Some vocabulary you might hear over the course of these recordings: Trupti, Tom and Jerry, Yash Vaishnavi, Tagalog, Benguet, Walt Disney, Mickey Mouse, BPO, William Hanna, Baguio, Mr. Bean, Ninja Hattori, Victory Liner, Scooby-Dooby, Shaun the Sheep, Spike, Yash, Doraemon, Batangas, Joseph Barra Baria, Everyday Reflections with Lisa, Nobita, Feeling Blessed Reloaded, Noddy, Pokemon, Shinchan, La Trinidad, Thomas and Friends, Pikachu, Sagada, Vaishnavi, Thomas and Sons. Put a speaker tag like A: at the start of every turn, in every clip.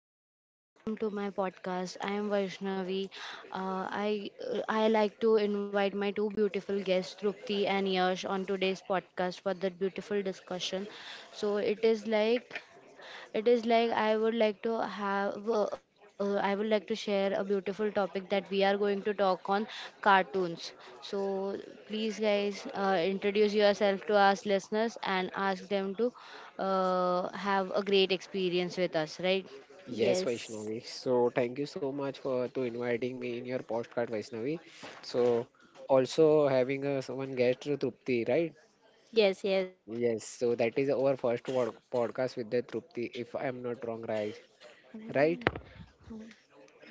A: welcome to my podcast. I am Vaishnavi. I like to invite my two beautiful guests, Trupti and Yash, on today's podcast for that beautiful discussion. So it is like I would like to share a beautiful topic that we are going to talk on cartoons. So please, guys, introduce yourself to us listeners and ask them to have a great experience with us, right?
B: Yes,
C: Yes.
B: Vaishnavi. So thank you so much for to inviting me in your postcard, Vaishnavi. So also having a someone guest Trupti, right?
C: Yes, yes,
B: Yes.
C: yes.
B: So that is our first podcast with the
C: Mm.
B: Trupti, if I am not wrong, right? Right?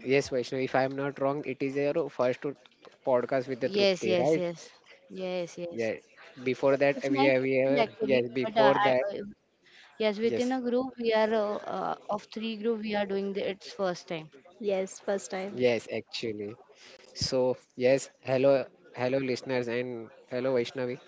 B: Yes, Vaishnavi. If I am not wrong, it is your first podcast with the
A: Yes,
B: Trupti,
A: yes,
B: right?
A: yes, yes, yes.
B: Yeah. Before that,
A: It's
B: we
A: my
B: have we
A: second
B: ever?
A: actually,
B: Yes.
A: but
B: Before that,
A: yes, within
B: yes.
A: a group we are of three group we are doing its first time.
C: Yes, first time.
B: Yes, actually. So yes, hello, hello listeners, and hello Vaishnavi.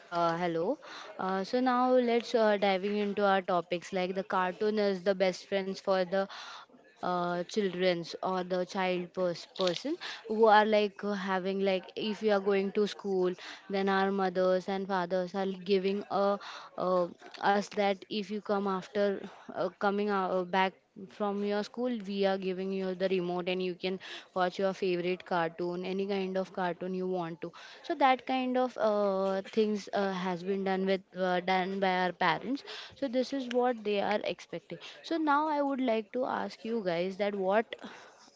A: Hello. So now let's diving into our topics, like the cartoon is the best friends for the childrens or the person, who are like having, like, if you are going to school, then our mothers and fathers are giving a uh, us that, if you come after coming back from your school, we are giving you the remote and you can watch your favorite cartoon, any kind of cartoon you want to. So that kind of things has been done by our parents. So this is what they are expecting. So now I would like to ask you guys that, what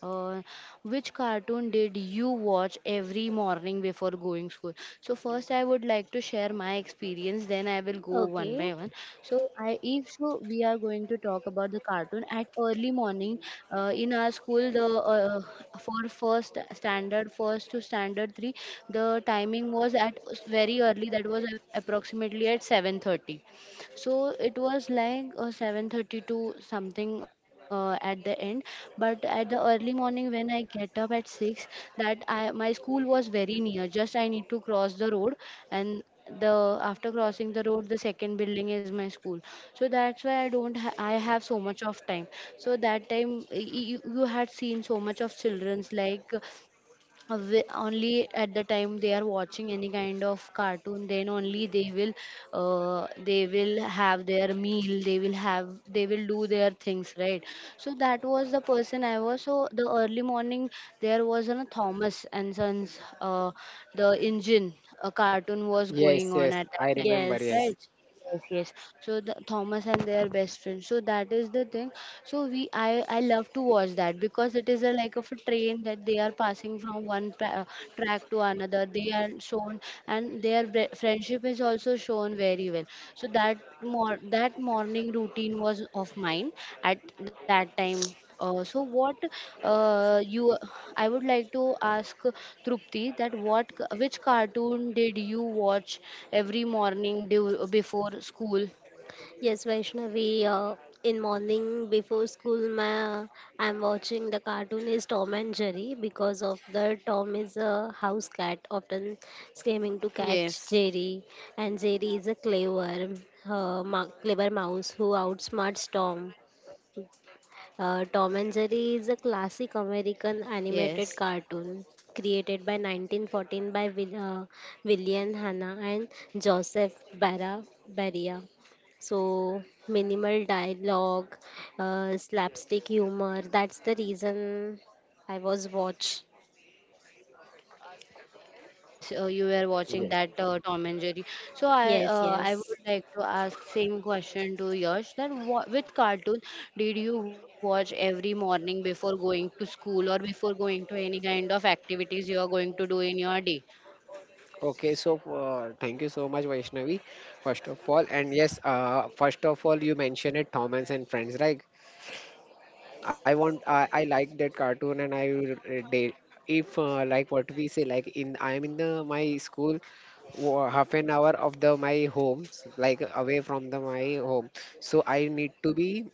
A: uh, which cartoon did you watch every morning before going school? So first, I would like to share my experience. Then I will go one
C: Okay.
A: by one. So I, if so, we are going to talk about the cartoon at early morning. In our school, the for first standard, first to standard three, the timing was at very early. That was approximately at 7:30, so it was like, 7:30 to something, at the end. But at the early morning, when I get up at 6, that I my school was very near, just I need to cross the road, and the after crossing the road, the second building is my school. So that's why I don't ha- I have so much of time. So that time, you had seen so much of children's, like, only at the time they are watching any kind of cartoon, then only they will have their meal, they will have they will do their things, right. So that was the person I was. So the early morning, there was a Thomas and Sons, the engine, a cartoon was going
B: Yes,
A: on
B: yes,
A: at that
B: I
A: time,
B: remember. Yes,
C: Yes.
A: right. Yes, yes. So the Thomas and their best friend. So that is the thing. So I love to watch that because it is a like of a train that they are passing from one track to another. They are shown, and their friendship is also shown very well. So that morning routine was of mine at that time. So what you I would like to ask Trupti that what which cartoon did you watch every morning before school?
C: Yes, Vaishnavi, in morning before school, I'm watching the cartoon is Tom and Jerry because of the Tom is a house cat, often scheming to catch
A: Yes,
C: Jerry, and Jerry is a clever, clever mouse who outsmarts Tom. Tom and Jerry is a classic American animated
A: yes.
C: cartoon created by 1914 by William Hanna and Joseph Barra Baria. So minimal dialogue, slapstick humor. That's the reason I was watch.
A: Yes, you were
B: yes.
A: watching that Tom and Jerry. So I
C: Yes,
A: uh, I
C: yes,
A: would like to ask same question to Yash that wha which cartoon did you watch every morning before going to school, or before going to any kind of activities you are going to do in your day?
B: Okay, thank you so much, Vaishnavi, first of all. And yes, first of all, you mentioned it, Thomas and Friends. Like, I like that cartoon, and I will, they, if like what we say, like in, I am in the my school, half an hour of the my homes, like away from the my home. So I need to be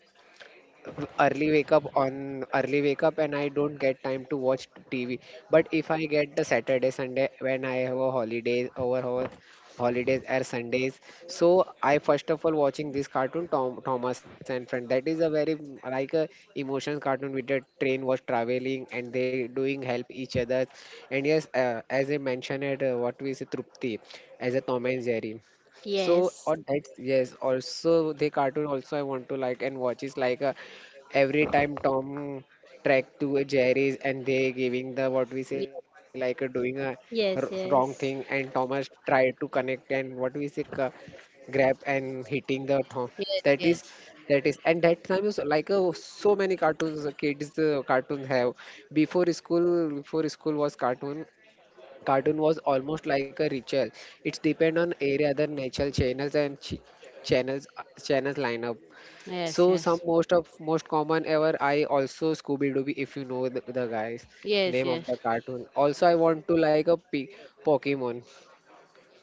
B: early wake up on early wake up and I don't get time to watch TV. But if I get the Saturday, Sunday when I have a holiday over holidays or Sundays, so I first of all watching this cartoon Tom Thomas and Friend. That is a very like a emotions cartoon with the train was traveling and they doing help each other. And yes, as I mentioned it, what we say Trupti as a Tom and Jerry. So
C: yes,
B: on that, yes, also the cartoon also I want to like and watch is like a every time Tom track to Jerry's and they giving the
A: Yes,
B: what we say like doing a wrong
C: yes,
B: thing and
C: yes.
B: Thomas tried to connect and what we say grab and hitting the Tom.
A: yes,
B: That is
A: yes.
B: that is and that time is like so many cartoons kids cartoons have before school was cartoon cartoon was almost like a ritual. It's depend on area the natural channels and channels channels lineup. So
A: Yes,
B: some
A: yes.
B: most of most common ever I also Scooby Dooby if you know the guys
A: Yes,
B: name of
A: yes.
B: the cartoon. Also I want to like a Pokemon.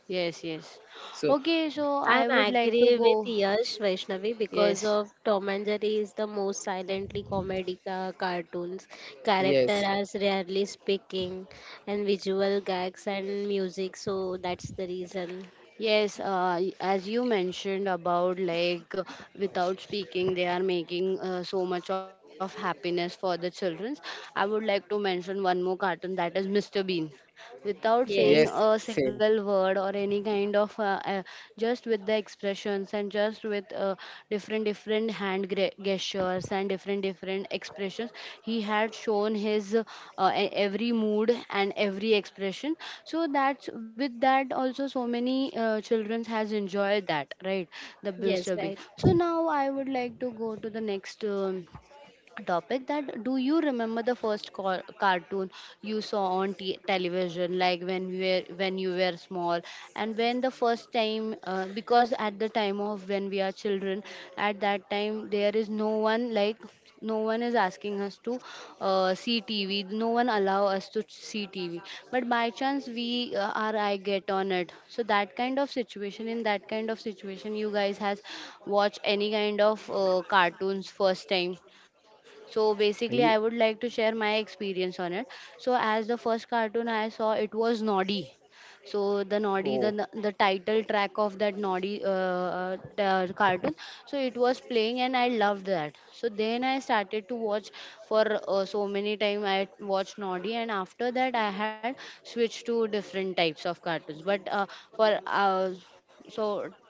A: Yes, yes.
B: So
A: Okay, so
C: I'm
A: I would like to
C: agree with
A: go.
C: Yash Vaishnavi because
A: Yes.
C: of Tom and Jerry is the most silently comedy cartoons. Character
B: yes,
C: as rarely speaking and visual gags and music, so that's the reason.
A: Yes, as you mentioned about, like, without speaking, they are making so much of happiness for the children. I would like to mention one more cartoon that is Mr. Bean. Without
B: yes,
A: saying
C: Yes,
A: a
B: same.
A: single word or any kind of, just with the expressions, and just with different different hand gestures and different different expressions, he had shown his every mood and every expression. So that's with that also, so many children has enjoyed that, right, the
C: yes,
A: Mr. Bean.
C: right.
A: So now I would like to go to the next topic, that, do you remember the first cartoon you saw on television, like when you were small, and when the first time, because at the time of when we are children, at that time there is no one is asking us to see TV, no one allow us to see TV. But by chance we our eye get on it, so that kind of situation in that kind of situation you guys has watched any kind of cartoons first time. So basically, I would like to
B: Ye-
A: share my experience on it. So as the first cartoon I saw, it was Noddy. So the Noddy, the
B: Oh.
A: the title track of that Noddy, the cartoon, so it was playing and I loved that. So then I started to watch for so many time I watched Noddy, and after that I had switched to different types of cartoons. But for so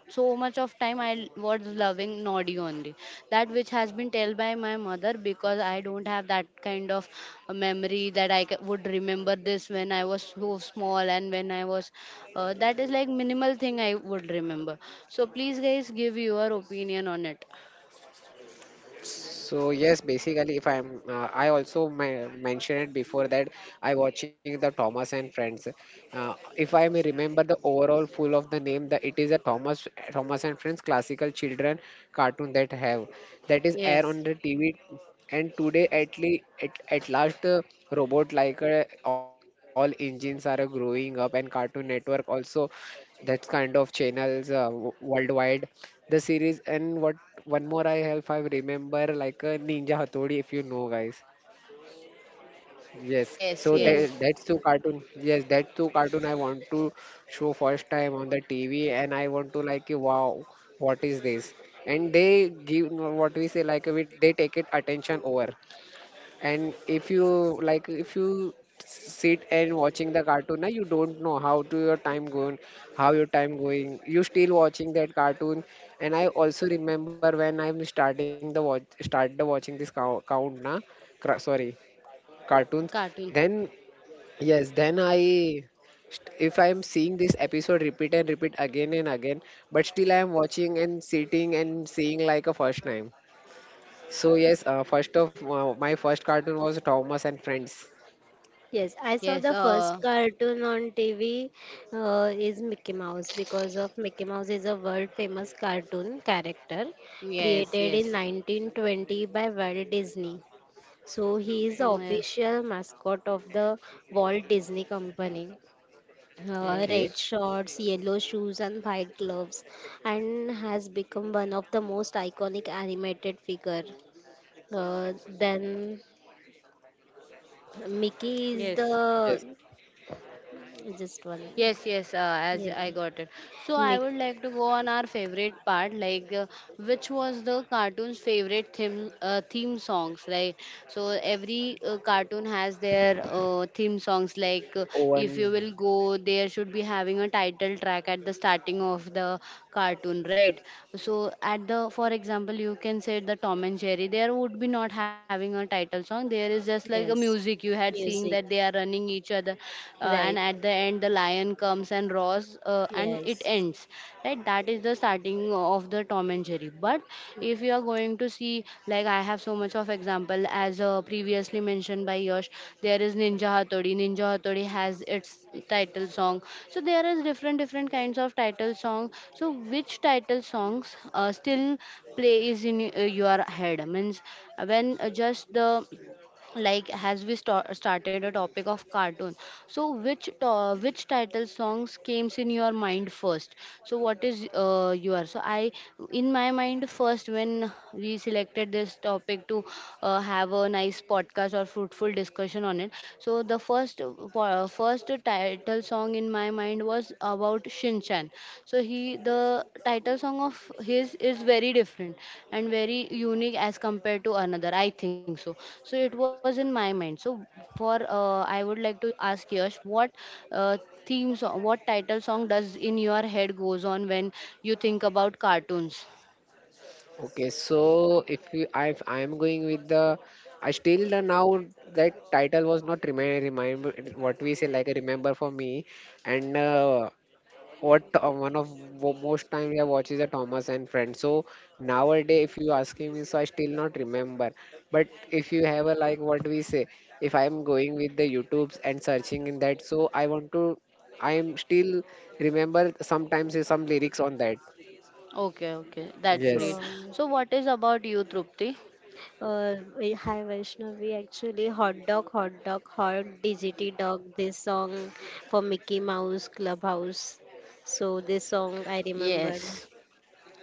A: So much of time I was loving naughty only, that, which has been told by my mother, because I don't have that kind of a memory that would remember this when I was so small. And when I was That is like minimal thing I would remember. So please guys give your opinion on it.
B: So yes, basically, if I'm, I also mentioned it before that I watching the Thomas and Friends. If I may remember the overall full of the name, the it is a Thomas Thomas and Friends classical children cartoon that have that is air on
A: Yes.
B: the TV. And today, at least at last, robot like all engines are growing up, and Cartoon Network also that kind of channels worldwide the series and what one more I have I remember like a Ninja Hathodi if you know guys. Yes. So
A: Yes, yes.
B: that
C: Yes,
B: that's two cartoon. Yes, that two cartoon I want to show first time on the TV and I want to like wow what is this? And they give what we say like with they take it attention over and if you like if you sit and watching the cartoon na, you don't know how to your time going how your time going you still watching that cartoon. And I also remember when I'm starting the watch started watching this count, count na, sorry, cartoons
A: Cartoon.
B: then yes then I if I am seeing this episode repeat and repeat again and again but still I am watching and sitting and seeing like a first time. So yes, first of my first cartoon was Thomas and Friends.
C: yes. I
A: Yes.
C: saw the first cartoon on TV, is Mickey Mouse because of Mickey Mouse is a world famous cartoon character
A: Yes.
C: created
A: Yes.
C: in 1920 by Walt Disney. So he is the
A: Yes,
C: official mascot of the Walt Disney Company.
A: yes.
B: Okay.
C: Red shorts, yellow shoes, and white gloves, and has become one of the most iconic animated figure. Then Mickey is
A: Yes.
B: Yes.
C: the just one,
A: Yes, yes, as
C: yeah,
A: I got it. So I
C: Mickey,
A: would like to go on our favorite part, like, which was the cartoon's favorite theme songs, right? So every cartoon has their theme songs. Like,
B: One.
A: if you will go, there should be having a title track at the starting of the cartoon, right? So, for example, you can say the Tom and Jerry. There would be not having a title song. There is just like a
C: yes,
A: music you had seen,
C: music,
A: that they are running burning each other, and
C: right,
A: at the end the lion comes and roars, and it
C: yes.
A: ends, right. That is the starting of the Tom and Jerry, but if you are going to see, like, I have so much of example, as previously mentioned by Yash, there is Ninja Hattori. Ninja Hattori has its title song. So there is different different kinds of title song. So which title songs still plays in your head, means, when, just the like, as we started a topic of cartoon, so which title songs came in your mind first, so what is your so I in my mind first, when we selected this topic to have a nice podcast or fruitful discussion on it, so the first first title song in my mind was about Shinchan. So he the title song of his is very different and very unique as compared to another. I think so. So it was in my mind. So for I would like to ask Yash what uh, theme song, what title song does in your head goes on when you think about cartoons?
B: Okay. So if you, I am going with the, I still the now that title was not remind remind what we say like a remember for me, and what one of most time we have watched is a Thomas and Friends. So nowadays, if you asking me, so I still not remember. But if you have a like what we say, if I am going with the YouTubes and searching in that, so I want to, I am still remember sometimes is some lyrics on that.
A: Okay, okay, that's great.
B: Yes.
C: Um,
A: So what is about you, Trupti?
C: Hi Vaishnavi, actually hot dog, hot dog, hot DGT dog, this song for Mickey Mouse Clubhouse. So this song I remember.
A: Yes.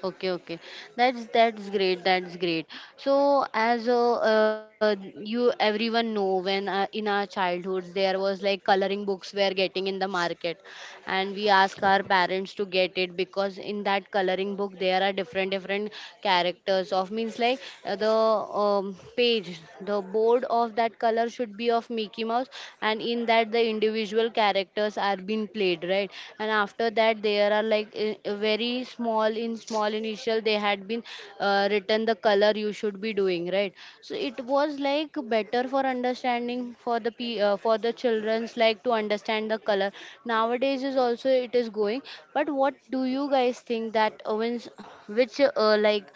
A: Okay, okay. That's great. That's great. So as you everyone know, when, in our childhoods there was like coloring books were getting in the market, and we ask our parents to get it, because in that coloring book there are different different characters of, means, like, the page, the board of that color should be of Mickey Mouse, and in that the individual characters are being played, right, and after that there are like very small, in small initial they had been written the color you should be doing, right. So it was like better for understanding, for the children's, like, to understand the color. Nowadays is also it is going, but what do you guys think that, when s- which like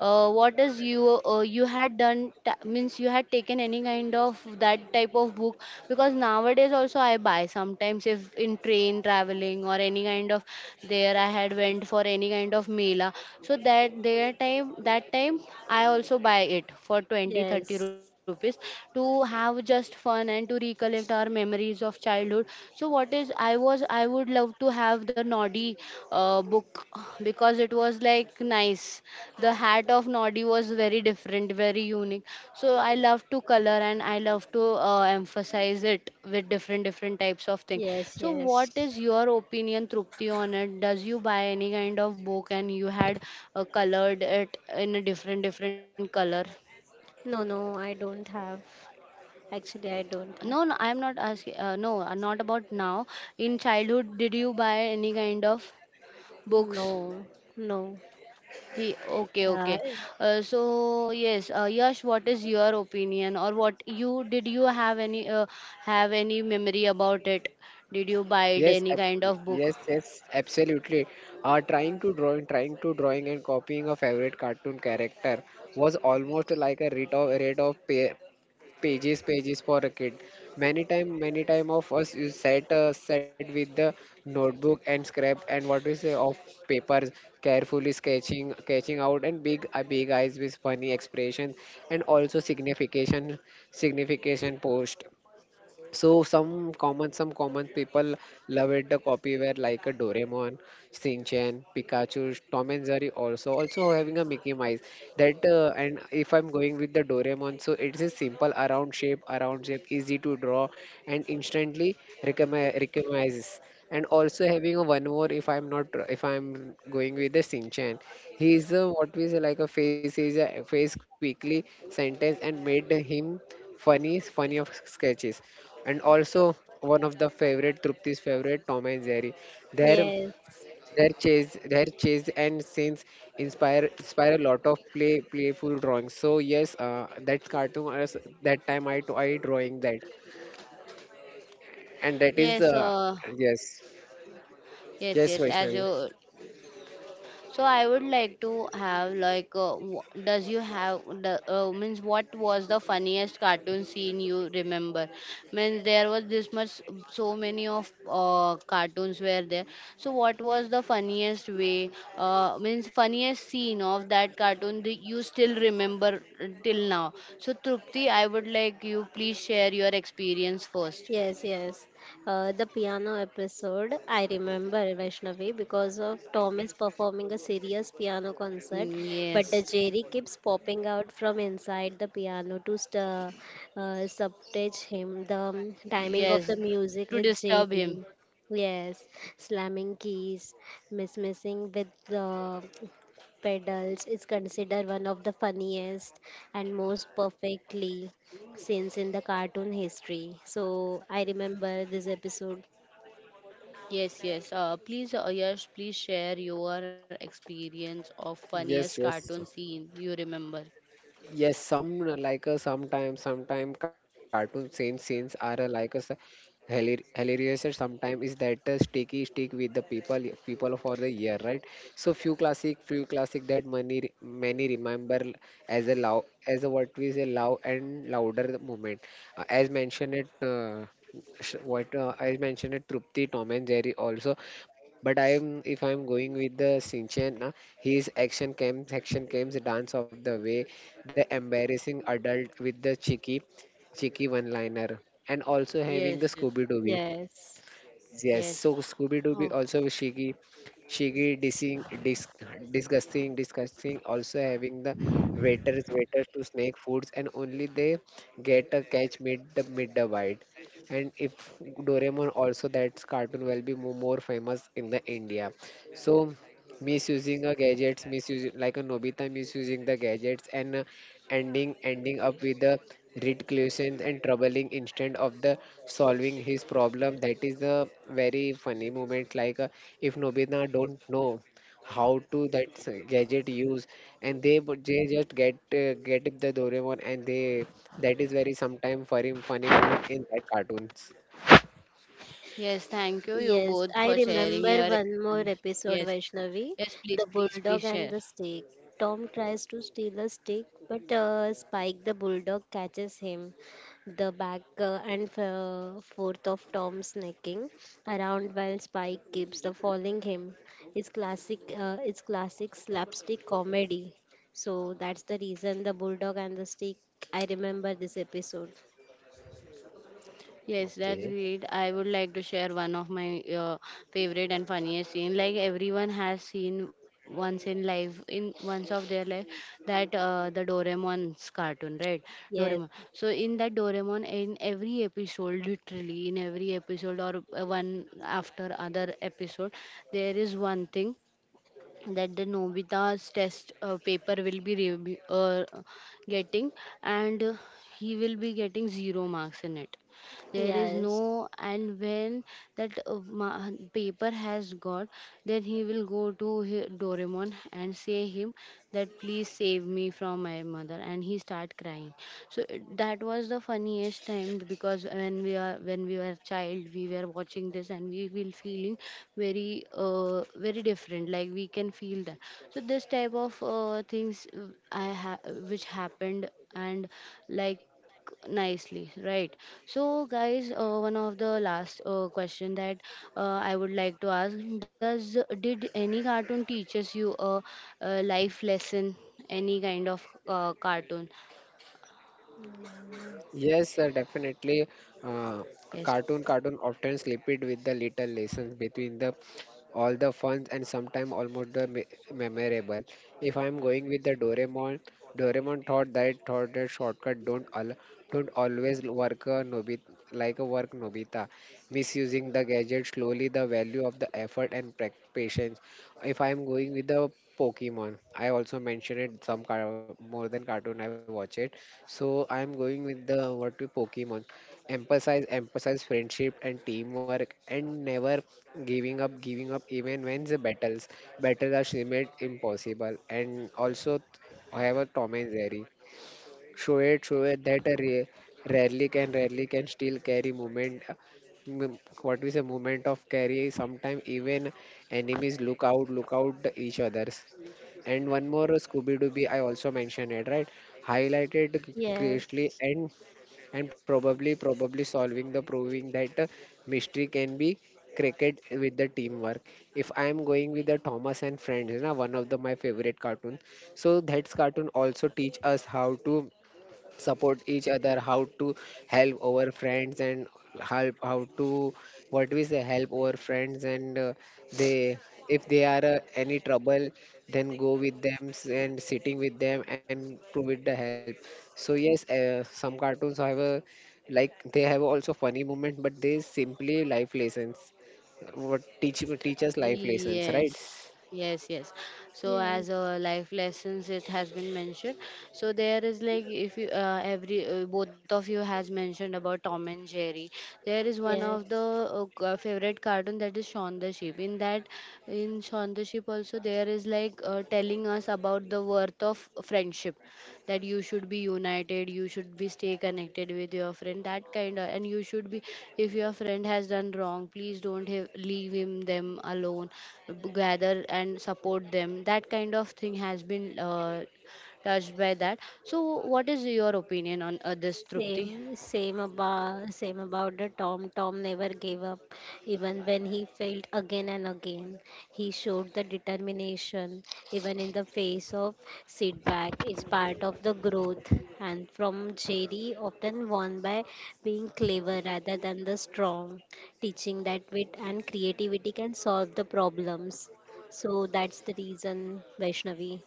A: what is you you had done ta- means you had taken any kind of that type of book, because nowadays also I buy sometimes, if in train traveling or any kind of, there I had went for any kind of mela, so that time I also buy it for twenty thirty
C: Yes,
A: rupees to have just fun and to recollect our memories of childhood. So what is I was I would love to have the Noddy book because it was like nice. The hat of Noddy was very different, very unique. So I love to color and I love to emphasize it with different different types of thing.
C: yes,
A: So what
C: yes.
A: is your opinion, Trupti, on it? Does you buy any kind of book and you had colored it in a different different color?
C: No, no, I don't have. Actually, I don't
A: No,
C: have.
A: no, I'm not asking. No, not about now. In childhood, did you buy any kind of books?
C: No, no.
A: Okay,
C: Uh,
A: okay. So yes, Yash, what is your opinion, or what you did you have any memory about it? Did you buy it
B: Yes,
A: any kind
B: abs-
A: of book?
B: yes, yes, absolutely. Trying to drawing and copying a favorite cartoon character was almost like a rate of pa pages pages for a kid, many time of us you sat sat with the notebook and scrap and what we say of papers carefully sketching sketching out and big big eyes with funny expressions and also signification signification post. So some common people love it the copyware like a Doraemon, Shinchan, Pikachu, Tom and Jerry also also having a Mickey Mouse. That and if I'm going with the Doraemon, so it is simple around shape, easy to draw, and instantly recognizes. And also having a one more if I'm not if I'm going with the Shinchan, he is a, what we say like a face is a face quickly sentence and made him funny funny of sketches and also one of the favorite Trupti's favorite Tom and Jerry. Their
C: yes,
B: their chase and scenes inspire inspire a lot of play playful drawings. So yes, that cartoon as that time I drawing that, and that
A: Yes,
B: is yes
A: yes,
B: yes
A: yes. As
B: Vaishnavi.
A: you. So I would like to have like, does you have the means what was the funniest cartoon scene you remember? Means there was this much so many of cartoons were there. So what was the funniest way? Means funniest scene of that cartoon that you still remember till now. So Trupti, I would like you please share your experience first.
C: yes, yes. The piano episode, I remember, Vaishnavi, because of Tom is performing a serious piano concert,
A: Mm,
C: but the
A: yes,
C: Jerry keeps popping out from inside the piano to subtage him. The timing of the
A: yes,
C: music
A: to
C: with
A: disturb him.
C: Jerry. Yes, slamming keys, missing with the pedals, is considered one of the funniest and most perfectly scenes in the cartoon history. So I remember this episode.
A: Yes, yes. Please, Yash, please share your experience of funniest
B: Yes yes,
A: cartoon scene you remember.
B: yes, some like sometimes sometimes cartoon scenes scenes are like hilarious sometimes is that sticky stick with the people people for the year right. So few classic that many many remember as a loud as a what we say loud and louder the moment, as mentioned it, what I mentioned it Trupti Tom and Jerry also, but I am if I'm going with the Sinchan, his action cams dance of the way the embarrassing adult with the cheeky, cheeky one-liner, and also
A: Yes,
B: having the
A: yes,
B: Scooby-Dooby.
C: Yes.
B: Yes,
A: yes.
B: so Scooby-Dooby
A: Oh,
B: also cheeky, cheeky, dissing, disgusting, disgusting. Also having the waiters, waiters to snake foods, and only they get a catch mid the bite. And if Doraemon also that cartoon will be more famous in the India. So misusing a gadgets misusing like a nobita misusing the gadgets and ending ending up with the reclusions and troubling instead of the solving his problem. That is a very funny moment. Like if Nobina don't know how to that gadget use, and they they just get the Doraemon, and they that is very sometime funny funny moment in that cartoons.
A: yes. Thank you, you
C: Yes,
A: both
C: I
A: for sharing
C: remember
A: your.
C: one more episode,
A: Yes,
C: Vaishnavi.
A: yes. Please,
C: The
A: please, please
C: bulldog and
A: share.
C: the steak. Tom tries to steal a steak, but Spike the bulldog catches him. The back and forth of Tom snacking around while Spike keeps the following him. It's classic. It's classic slapstick comedy. So that's the reason the bulldog and the steak. I remember this episode.
A: Yes, that's
B: Okay.
A: great. I would like to share one of my favorite and funniest scene. Like everyone has seen once in life, in once of their life, that the Doraemon's cartoon, right? Doraemon.
C: Yes.
A: So in that Doraemon, in every episode, literally in every episode or one after other episode, there is one thing that the Nobita's test paper will be getting, and he will be getting 0 marks in it, there is
C: Yes.
A: no, and when that paper has got, then he will go to doraemon and say him that please save me from my mother and he start crying. So that was the funniest time, because when we are when we were child we were watching this and we will feeling very very different, like we can feel that. So this type of things which happened and like nicely, right? So guys, one of the last question that I would like to ask, does did any cartoon teaches you a life lesson, any kind of cartoon.
B: Yes, sir, definitely. Uh,
A: Yes.
B: cartoon cartoon often slip it with the little lessons between the all the fun and sometimes almost the memorable. If I'm going with the Doraemon, Doraemon thought that shortcut don't always work a Nobita like a work Nobita, misusing the gadget slowly the value of the effort and patience. If I'm going with the Pokemon, I also mentioned it some more than cartoon I watch it. So I'm going with the what to Pokemon. Emphasize, emphasize friendship and teamwork, and never giving up, giving up even when the battles battles are seem impossible. And also, I have a Tom and Jerry show it that a rarely can still carry movement, what we say movement of carry sometimes even enemies look out the each others. And one more Scooby Dooby I also mentioned it right highlighted greatly
C: Yes.
B: and probably probably solving the proving that, mystery can be cricket with the teamwork. If I am going with the Thomas and Friends, you know one of the my favorite cartoons, so that's cartoon also teach us how to support each other how to help our friends and help how to what we say help our friends and, they if they are, any trouble then go with them and sitting with them and provide the help. So yes, some cartoons have a like they have also funny moment but they simply life lessons what teach teach us life lessons right.
A: Yes, yes, yes. So
C: Yes.
A: as a life lessons, it has been mentioned. So there is like if you every both of you has mentioned about Tom and Jerry. There is one of the
C: Yes,
A: favorite cartoon, that is Shaun the Sheep. In that, in Shaun the Sheep also there is like telling us about the worth of friendship, that you should be united, you should be stay connected with your friend, that kind of, and you should be if your friend has done wrong please don't have, leave him them alone. Gather and support them, that kind of thing has been touched by that. So what is your opinion on this, Trupti?
C: same about the Tom. Tom never gave up, even when he failed again and again. He showed the determination, even in the face of setback. It's part of the growth. And from Jerry, often won by being clever rather than the strong, teaching that wit and creativity can solve the problems. So that's the reason, Vaishnavi.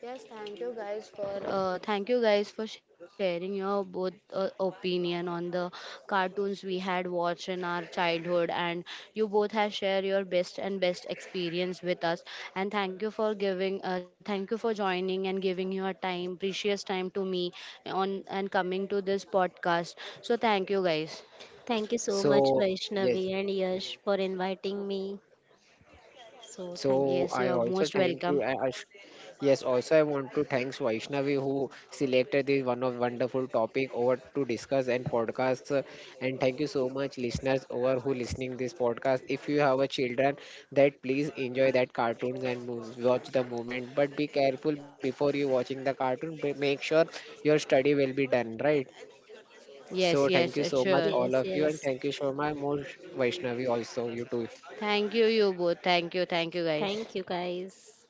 A: Yes, thank you guys for thank you guys for sharing your both opinion on the cartoons we had watched in our childhood, and you both have shared your best and best experience with us. And thank you for giving, thank you for joining and giving your time, precious time to me on and coming to this podcast. So thank you guys.
C: Thank you so much,
B: So yes,
C: Vaishnavi and Yash, for inviting me. So, thank
B: so
C: you.
A: Yes,
B: I
A: you are
B: also
A: most
B: thank you.
A: welcome.
B: Yes, also I want to thank Vaishnavi who selected this one of wonderful topic over to discuss and podcast. Uh, and thank you so much, listeners, over who listening this podcast. If you have a children, that please enjoy that cartoons and watch the moment. But be careful before you watching the cartoon. Make sure your study will be done right.
A: Yes,
B: So
A: yes,
B: thank you so much,
A: sure.
C: Yes,
B: all of you, and
C: yes.
B: thank you so much, more Vaishnavi also you too.
A: Thank you, you both. Thank you guys.
C: Thank you, guys.